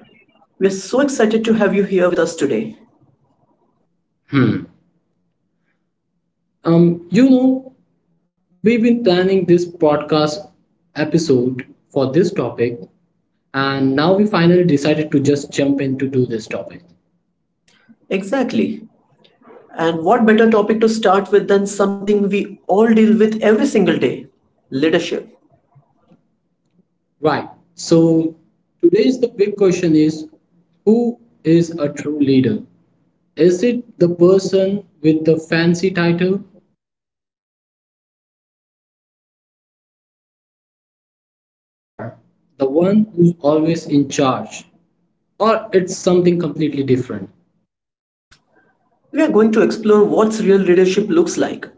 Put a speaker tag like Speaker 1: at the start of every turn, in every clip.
Speaker 1: We are so excited to have you here with us today.
Speaker 2: Hmm. Um, you know, we've been planning this podcast episode for this topic, and now we finally decided to just jump in to do this topic.
Speaker 1: Exactly. And what better topic to start with than something we all deal with every single day, leadership.
Speaker 2: Right. So today's the big question is, who is a true leader? Is it the person with the fancy title or the one who's always in charge, or it's something completely different.
Speaker 1: We are going to explore what's real leadership looks like,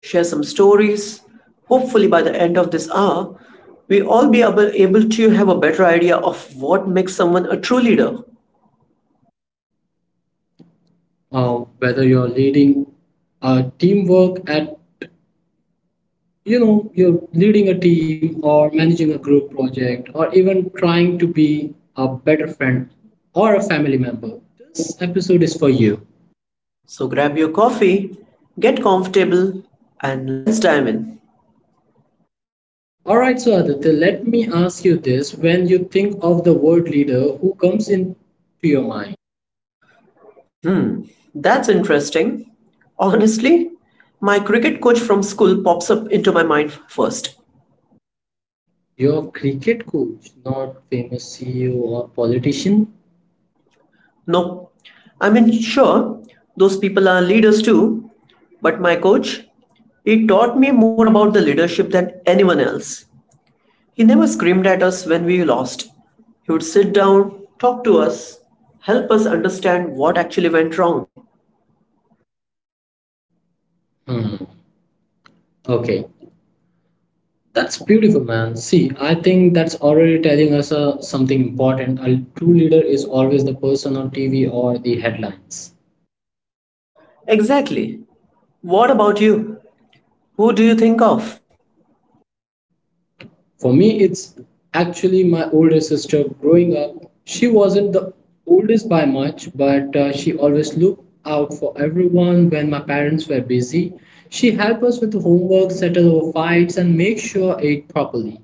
Speaker 1: share some stories. Hopefully, by the end of this hour, we all be able to have a better idea of what makes someone a true leader.
Speaker 2: Whether you're leading a teamwork at, you know, you're leading a team or managing a group project or even trying to be a better friend or a family member, this episode is for you.
Speaker 1: So, grab your coffee, get comfortable, and let's dive in.
Speaker 2: All right, so Aditya, let me ask you this. When you think of the word leader, who comes into your mind?
Speaker 1: That's interesting. Honestly, my cricket coach from school pops up into my mind first.
Speaker 2: Your cricket coach, not famous CEO or politician?
Speaker 1: No, I mean, sure, those people are leaders too, but my coach, he taught me more about the leadership than anyone else. He never screamed at us when we lost. He would sit down, talk to us, help us understand what actually went wrong.
Speaker 2: Hmm, okay, that's beautiful, man. See, I think that's already telling us something important. A true leader is always the person on TV or the headlines.
Speaker 1: Exactly. What about you? Who do you think of?
Speaker 2: For me, it's actually my older sister growing up. She wasn't the oldest by much, but she always looked out for everyone when my parents were busy. She helped us with homework, settle our fights, and make sure ate properly.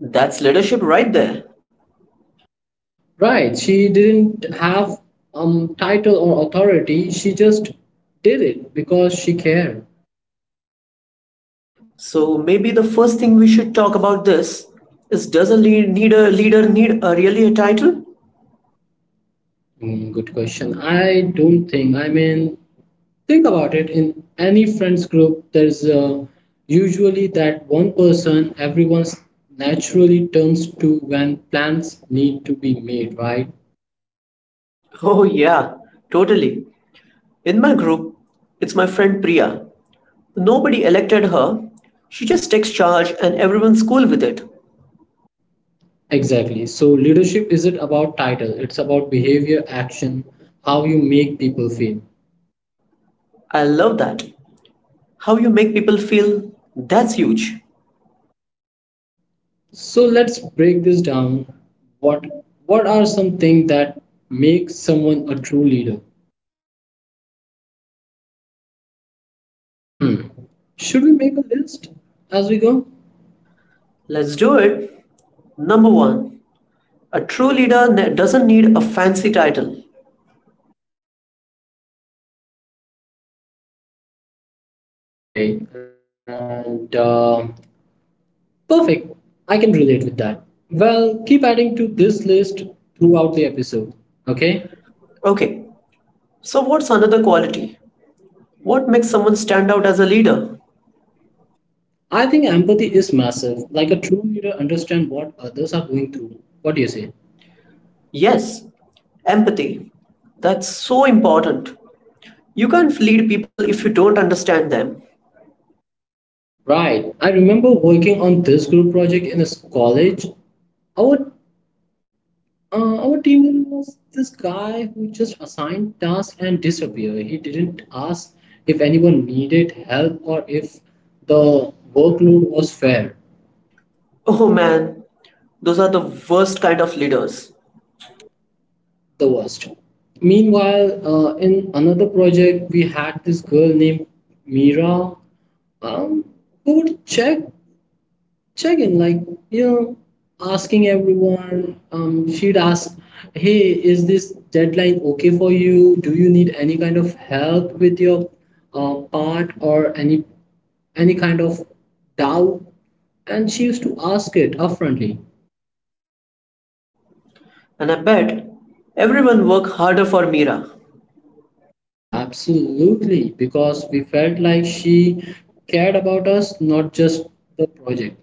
Speaker 1: That's leadership right there.
Speaker 2: Right, she didn't have title or authority. She just did it because she cared.
Speaker 1: So maybe the first thing we should talk about this is does need a leader need a really a title?
Speaker 2: Hmm, good question. I don't think. I mean, think about it. In any friends group, there's usually that one person everyone naturally turns to when plans need to be made. Right?
Speaker 1: Oh yeah, totally. In my group, it's my friend Priya. Nobody elected her. She just takes charge and everyone's cool with it.
Speaker 2: Exactly. So leadership isn't about title. It's about behavior, action, how you make people feel.
Speaker 1: I love that. How you make people feel, that's huge.
Speaker 2: So let's break this down. What what are some things that make someone a true leader? Hmm. Should we make a list as we go?
Speaker 1: Let's do it. Number 1. A true leader doesn't need a fancy title.
Speaker 2: Okay. And perfect. I can relate with that. Well, keep adding to this list throughout the episode. Okay.
Speaker 1: Okay. So what's another quality? What makes someone stand out as a leader?
Speaker 2: I think empathy is massive. Like a true leader, understand what others are going through. What do you say?
Speaker 1: Yes, empathy. That's so important. You can't lead people if you don't understand them.
Speaker 2: Right. I remember working on this group project in college our our team leader was this guy who just assigned tasks and disappeared. He didn't ask if anyone needed help or if the workload was fair.
Speaker 1: Oh man, those are the worst kind of leaders.
Speaker 2: The worst. Meanwhile, in another project, we had this girl named Mira, um, who would check checking like, you know, asking everyone, um, she'd ask, hey, is this deadline okay for you, do you need any kind of help with your part or any kind of doubt, and she used to ask it upfrontly.
Speaker 1: And I bet everyone work harder for Mira.
Speaker 2: Absolutely, because we felt like she cared about us, not just the project.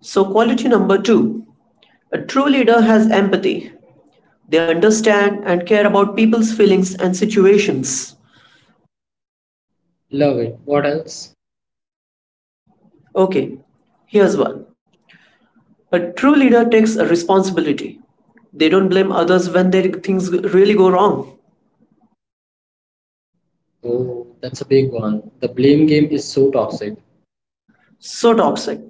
Speaker 1: So quality number 2. A true leader has empathy. They understand and care about people's feelings and situations.
Speaker 2: Love it, what else?
Speaker 1: Okay, here's one. A true leader takes a responsibility. They don't blame others when their things really go wrong.
Speaker 2: Oh, that's a big one, the blame game is so toxic.
Speaker 1: So toxic.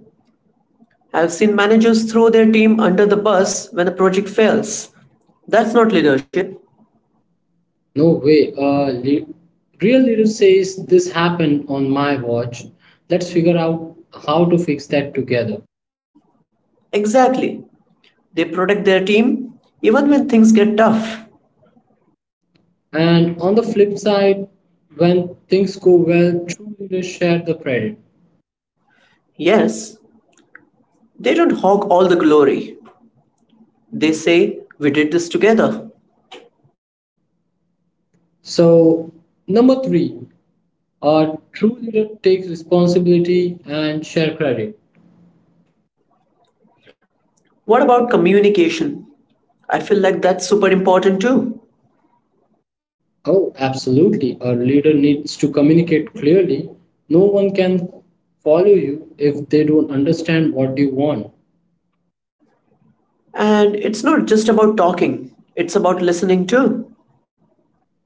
Speaker 1: I've seen managers throw their team under the bus when a project fails. That's not leadership.
Speaker 2: No way. Real leader says, this happened on my watch. Let's figure out how to fix that together.
Speaker 1: Exactly. They protect their team even when things get tough.
Speaker 2: And on the flip side, when things go well, true leaders share the credit.
Speaker 1: Yes, they don't hog all the glory. They say, "We did this together."
Speaker 2: So number three, a true leader takes responsibility and share credit.
Speaker 1: What about communication? I feel like that's super important too.
Speaker 2: Oh, absolutely. A leader needs to communicate clearly. No one can follow you if they don't understand what you want.
Speaker 1: And it's not just about talking, it's about listening too.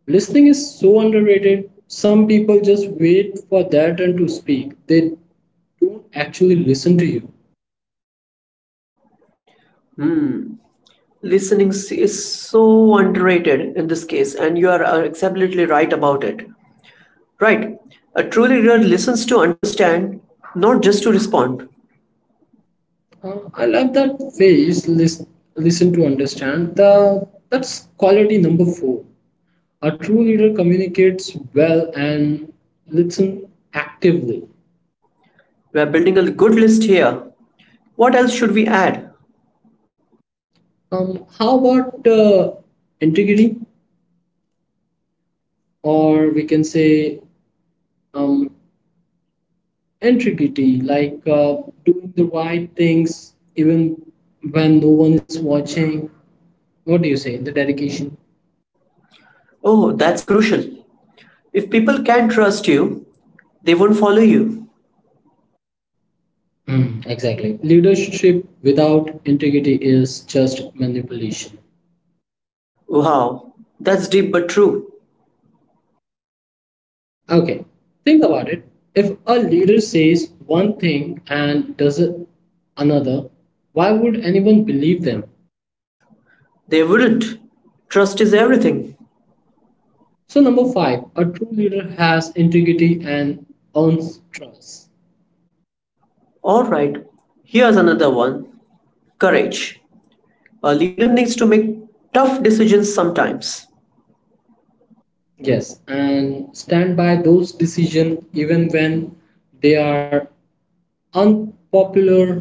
Speaker 2: Listening is so underrated. Some people just wait for their turn to speak. They don't actually listen to you.
Speaker 1: Listening is so underrated in this case, and you are absolutely right about it. Right. A truly reader listens to understand, not just to respond.
Speaker 2: I love that phrase, listen, listen to understand. That's quality number four. A true leader communicates well and listen actively.
Speaker 1: We are building a good list here. What else should we add?
Speaker 2: How about, integrity, or we can say, um, integrity, like, doing the right things even when no one is watching. What do you say? The dedication.
Speaker 1: Oh, that's crucial. If people can't trust you, they won't follow you.
Speaker 2: Exactly. Leadership without integrity is just manipulation.
Speaker 1: Wow, that's deep but true.
Speaker 2: Okay, think about it. If a leader says one thing and does it another, why would anyone believe them?
Speaker 1: They wouldn't. Trust is everything.
Speaker 2: So, number five, a true leader has integrity and earns trust.
Speaker 1: Alright, here's another one: courage. A leader needs to make tough decisions sometimes,
Speaker 2: Yes, and stand by those decisions even when they are unpopular.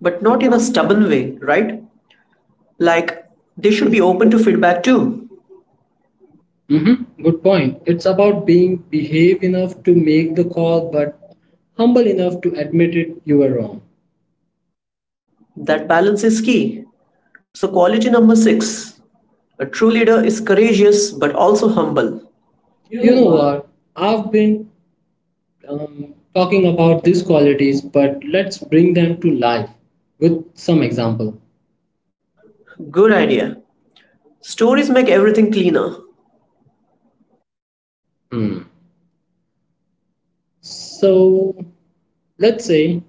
Speaker 1: but not in a stubborn way, right? Like, they should be open to feedback too.
Speaker 2: Mhm, good point. It's about being behave enough to make the call, but humble enough to admit it you were wrong.
Speaker 1: That balance is key. So, quality number six: a true leader is courageous but also humble.
Speaker 2: You know what? I've been, talking about these qualities, but let's bring them to life with some example.
Speaker 1: Good idea. Stories make everything cleaner.
Speaker 2: Hmm. So Let's say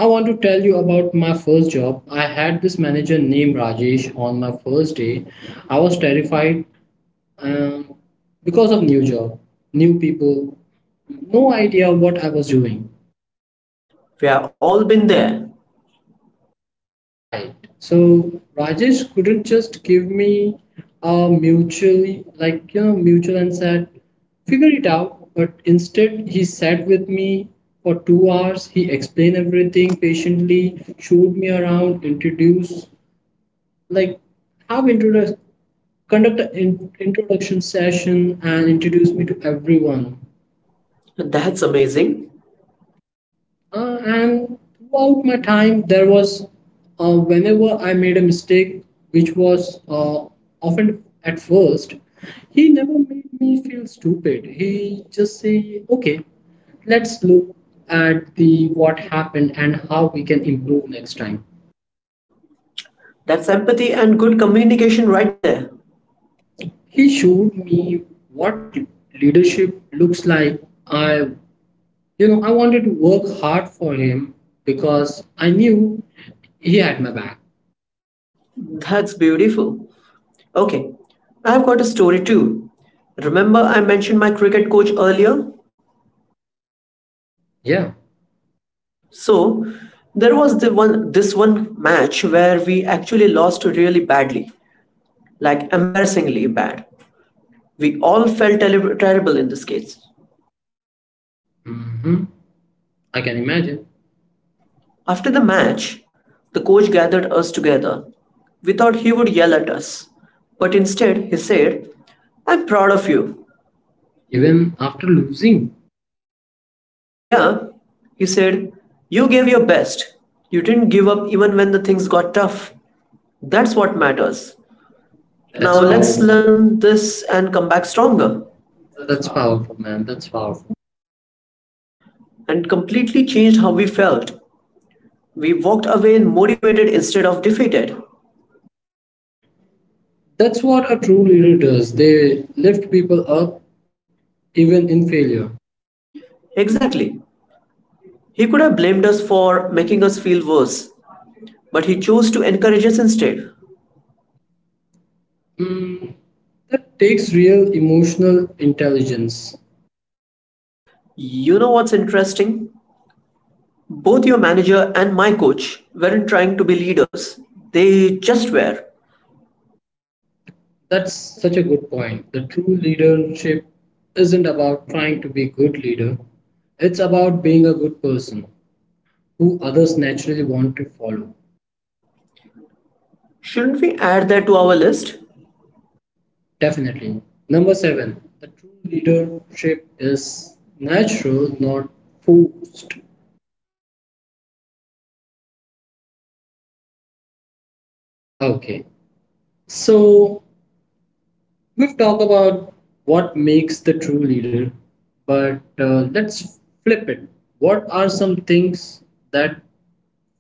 Speaker 2: I want to tell you about my first job. I had this manager named Rajesh on my first day. I was terrified, um, because of new job, new people, no idea what I was doing.
Speaker 1: We have all been there.
Speaker 2: Right. So Rajesh couldn't just give me a mutually, like, you know, mutual and said, figure it out. But instead he sat with me for 2 hours. He explained everything patiently, showed me around, introduced, like how introduce conduct an introduction session and introduced me to everyone.
Speaker 1: That's amazing.
Speaker 2: And throughout my time, there was, whenever I made a mistake, which was, often at first, he never made me feel stupid. He just say, "Okay, let's look at the what happened and how we can improve next time."
Speaker 1: That's empathy and good communication right there.
Speaker 2: He showed me what leadership looks like. You know, I wanted to work hard for him because I knew he had my back.
Speaker 1: That's beautiful. Okay, I've got a story too. Remember I mentioned my cricket coach earlier?
Speaker 2: Yeah.
Speaker 1: So there was the one this one match where we actually lost really badly, like embarrassingly bad. We all felt terrible in this case.
Speaker 2: Mhm. I can imagine.
Speaker 1: After the match, the coach gathered us together. We thought he would yell at us, but instead he said, "I'm proud of you."
Speaker 2: Even after losing,
Speaker 1: Yeah, he said, "You gave your best. You didn't give up even when the things got tough. That's what matters. Now
Speaker 2: that's So
Speaker 1: let's
Speaker 2: let's powerful. Look.
Speaker 1: learn this and come back stronger."
Speaker 2: that's powerful, man. That's powerful.
Speaker 1: And completely changed how we felt. We walked away motivated instead of defeated.
Speaker 2: That's what a true leader does. They lift people up even in failure.
Speaker 1: Exactly. He could have blamed us for making us feel worse, but he chose to encourage us instead.
Speaker 2: Mm, that takes real emotional intelligence.
Speaker 1: You know what's interesting? Both your manager and my coach weren't trying to be leaders, they just were.
Speaker 2: That's such a good point. The true leadership isn't about trying to be a good leader, it's about being a good person who others naturally want to follow.
Speaker 1: Shouldn't we add that to our list?
Speaker 2: Definitely. Number seven, the true leadership is natural, not forced. Okay. So we've talked about what makes the true leader, but let's flip it. What are some things that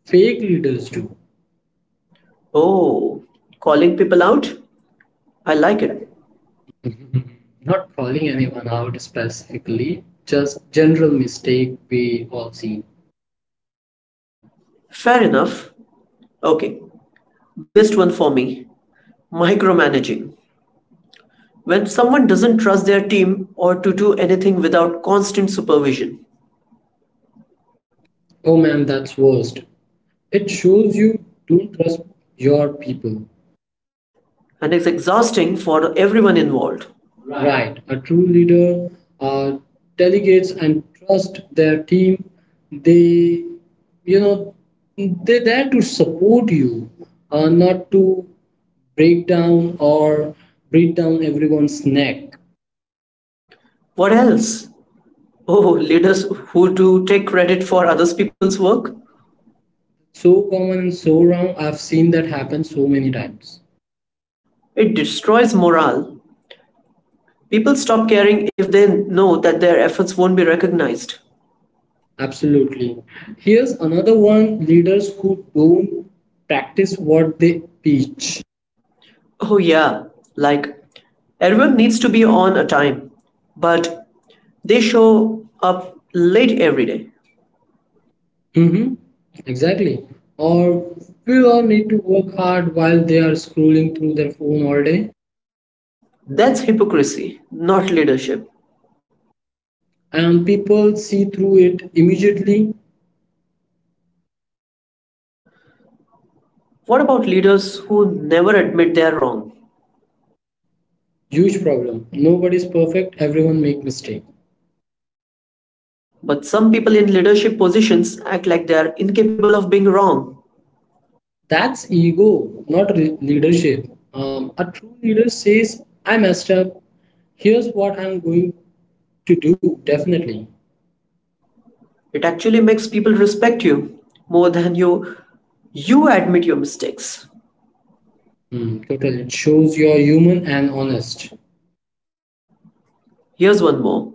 Speaker 2: fake leaders do?
Speaker 1: Oh, calling people out? I
Speaker 2: I
Speaker 1: like it.
Speaker 2: like it. Not calling anyone out specifically, just general mistake we all see.
Speaker 1: Fair enough. Okay, biggest one for me: micromanaging. When someone doesn't trust their team or to do anything without constant supervision,
Speaker 2: Oh man, that's worst. It shows you don't trust your people.
Speaker 1: and it's exhausting for everyone involved.
Speaker 2: Right, a true leader uh, delegates and trust their team. They, you know, they're there to support you, not to break down or break down everyone's neck.
Speaker 1: What else? Oh, leaders who do take credit for others people's work?
Speaker 2: So common and so wrong. I've seen that happen so many times.
Speaker 1: It destroys morale. People stop caring if they know that their efforts won't be recognized.
Speaker 2: Absolutely. Here's another one, leaders who don't practice what they preach.
Speaker 1: Oh, yeah, like everyone needs to be on a time, but they show up late every day.
Speaker 2: Mm-hmm. Exactly. Or we all need to work hard while they are scrolling through their phone all day.
Speaker 1: That's hypocrisy, not leadership.
Speaker 2: And people see through it immediately.
Speaker 1: What about leaders who never admit they're wrong?
Speaker 2: Huge problem. Nobody's perfect. Everyone make mistake.
Speaker 1: But some people in leadership positions act like they're incapable of being wrong.
Speaker 2: That's ego, not leadership. A true leader says, "I messed up. Here's what I'm going to do. Definitely."
Speaker 1: It actually makes people respect you more than you admit your mistakes.
Speaker 2: Mm, total. It shows you're human and honest.
Speaker 1: Here's one more.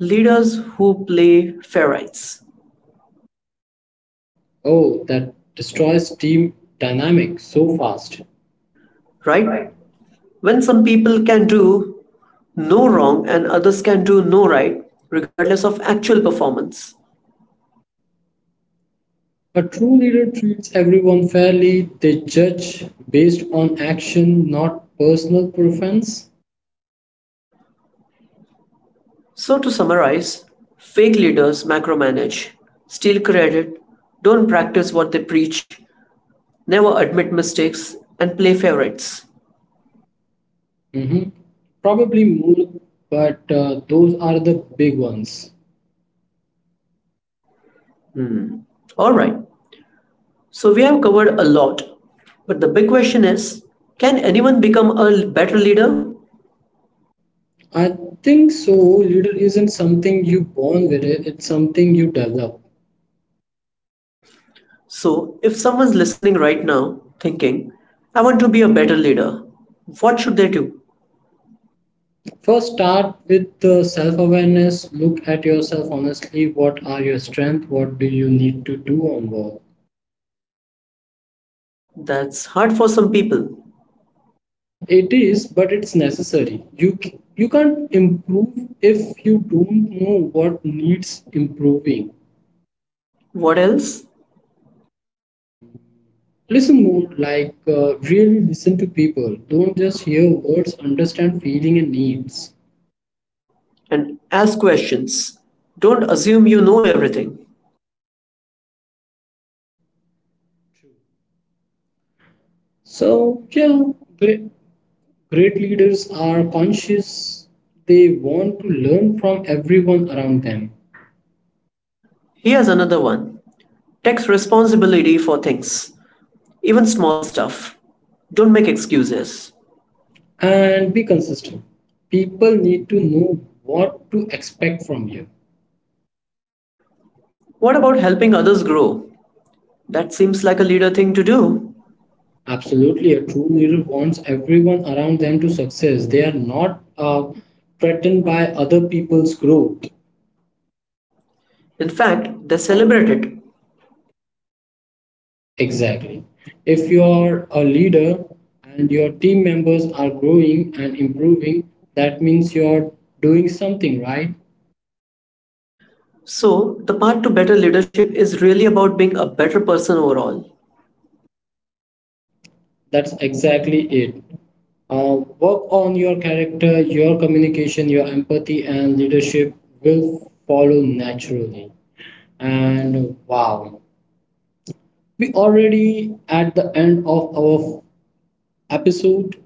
Speaker 1: Leaders who play fair rights,
Speaker 2: Oh, that destroys team dynamic so fast.
Speaker 1: right?
Speaker 2: Right?
Speaker 1: When some people can do no wrong and others can do no right, regardless of actual performance.
Speaker 2: A true leader treats everyone fairly. They judge based on action, not personal preference.
Speaker 1: So to summarize, fake leaders macromanage, steal credit, don't practice what they preach, never admit mistakes, and play favorites.
Speaker 2: Mhm. Probably more, but those are the big ones.
Speaker 1: All right, so we have covered a lot, but the big question is can anyone become a better leader?
Speaker 2: I think so. Leader isn't something you born with. It's something you develop.
Speaker 1: So if someone's listening right now thinking, I want to be a better leader, what should they do?
Speaker 2: First, start with the self awareness. Look at yourself honestly. What are your strengths? What do you need to do on work?
Speaker 1: That's hard for some people.
Speaker 2: It is, but it's necessary. You can't improve if you don't know what needs improving.
Speaker 1: What else?
Speaker 2: Listen more, like, really listen to people. Don't just hear words. Understand feeling and needs.
Speaker 1: And ask questions. Don't assume you know everything.
Speaker 2: So yeah, great great leaders are conscious. They want to learn from everyone around them.
Speaker 1: Here's another one: take responsibility for things, even small stuff. Don't make excuses.
Speaker 2: And be consistent. People need to know what to expect from you.
Speaker 1: What about helping others grow? That seems like a leader thing to do.
Speaker 2: Absolutely, a true leader wants everyone around them to success. They are not, threatened by other people's growth.
Speaker 1: In fact, they celebrate it.
Speaker 2: Exactly. If you are a leader and your team members are growing and improving, that means you are doing something right.
Speaker 1: So, the path to better leadership is really about being a better person overall.
Speaker 2: That's exactly it. Work on your character, your communication, your empathy, and leadership will follow naturally. And wow, we already at the end of our episode.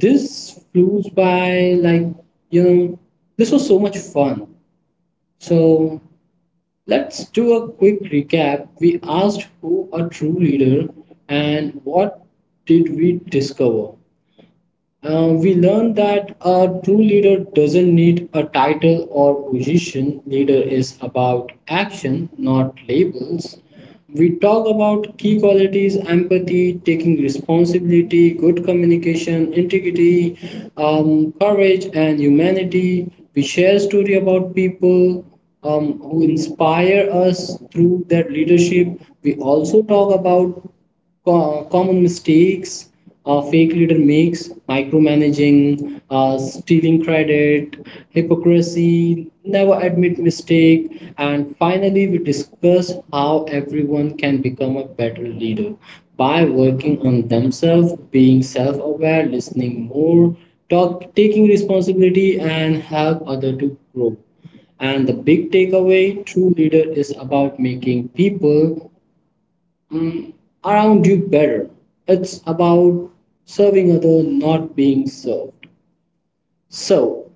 Speaker 2: This flew by, like, you know, this was so much fun. So let's do a quick recap. We asked who a true leader and what did we discover? We learn that a true leader doesn't need a title or position. Leader is about action, not labels. We talk about key qualities: empathy, taking responsibility, good communication, integrity, courage, and humanity. We share story about people, who inspire us through their leadership. We also talk about common mistakes a fake leader makes: micromanaging, stealing credit, hypocrisy, never admit mistake. And finally we discuss how everyone can become a better leader by working on themselves, being self-aware, listening more, taking responsibility and help other to grow. And the big takeaway, true leader is about making people, mm, around you better. It's about serving others, not being served. So,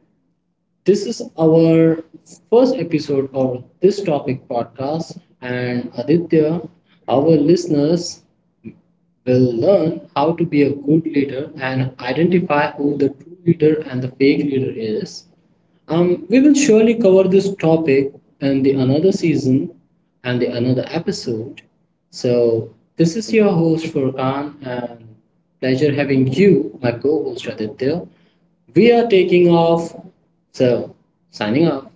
Speaker 2: this is our first episode of this topic podcast. And Aditya, our listeners will learn how to be a good leader and identify who the true leader and the fake leader is. We will surely cover this topic in the another season and the another episode. So this is your host Furkan and pleasure having you, my co-host Aditya. We are taking off, so signing off.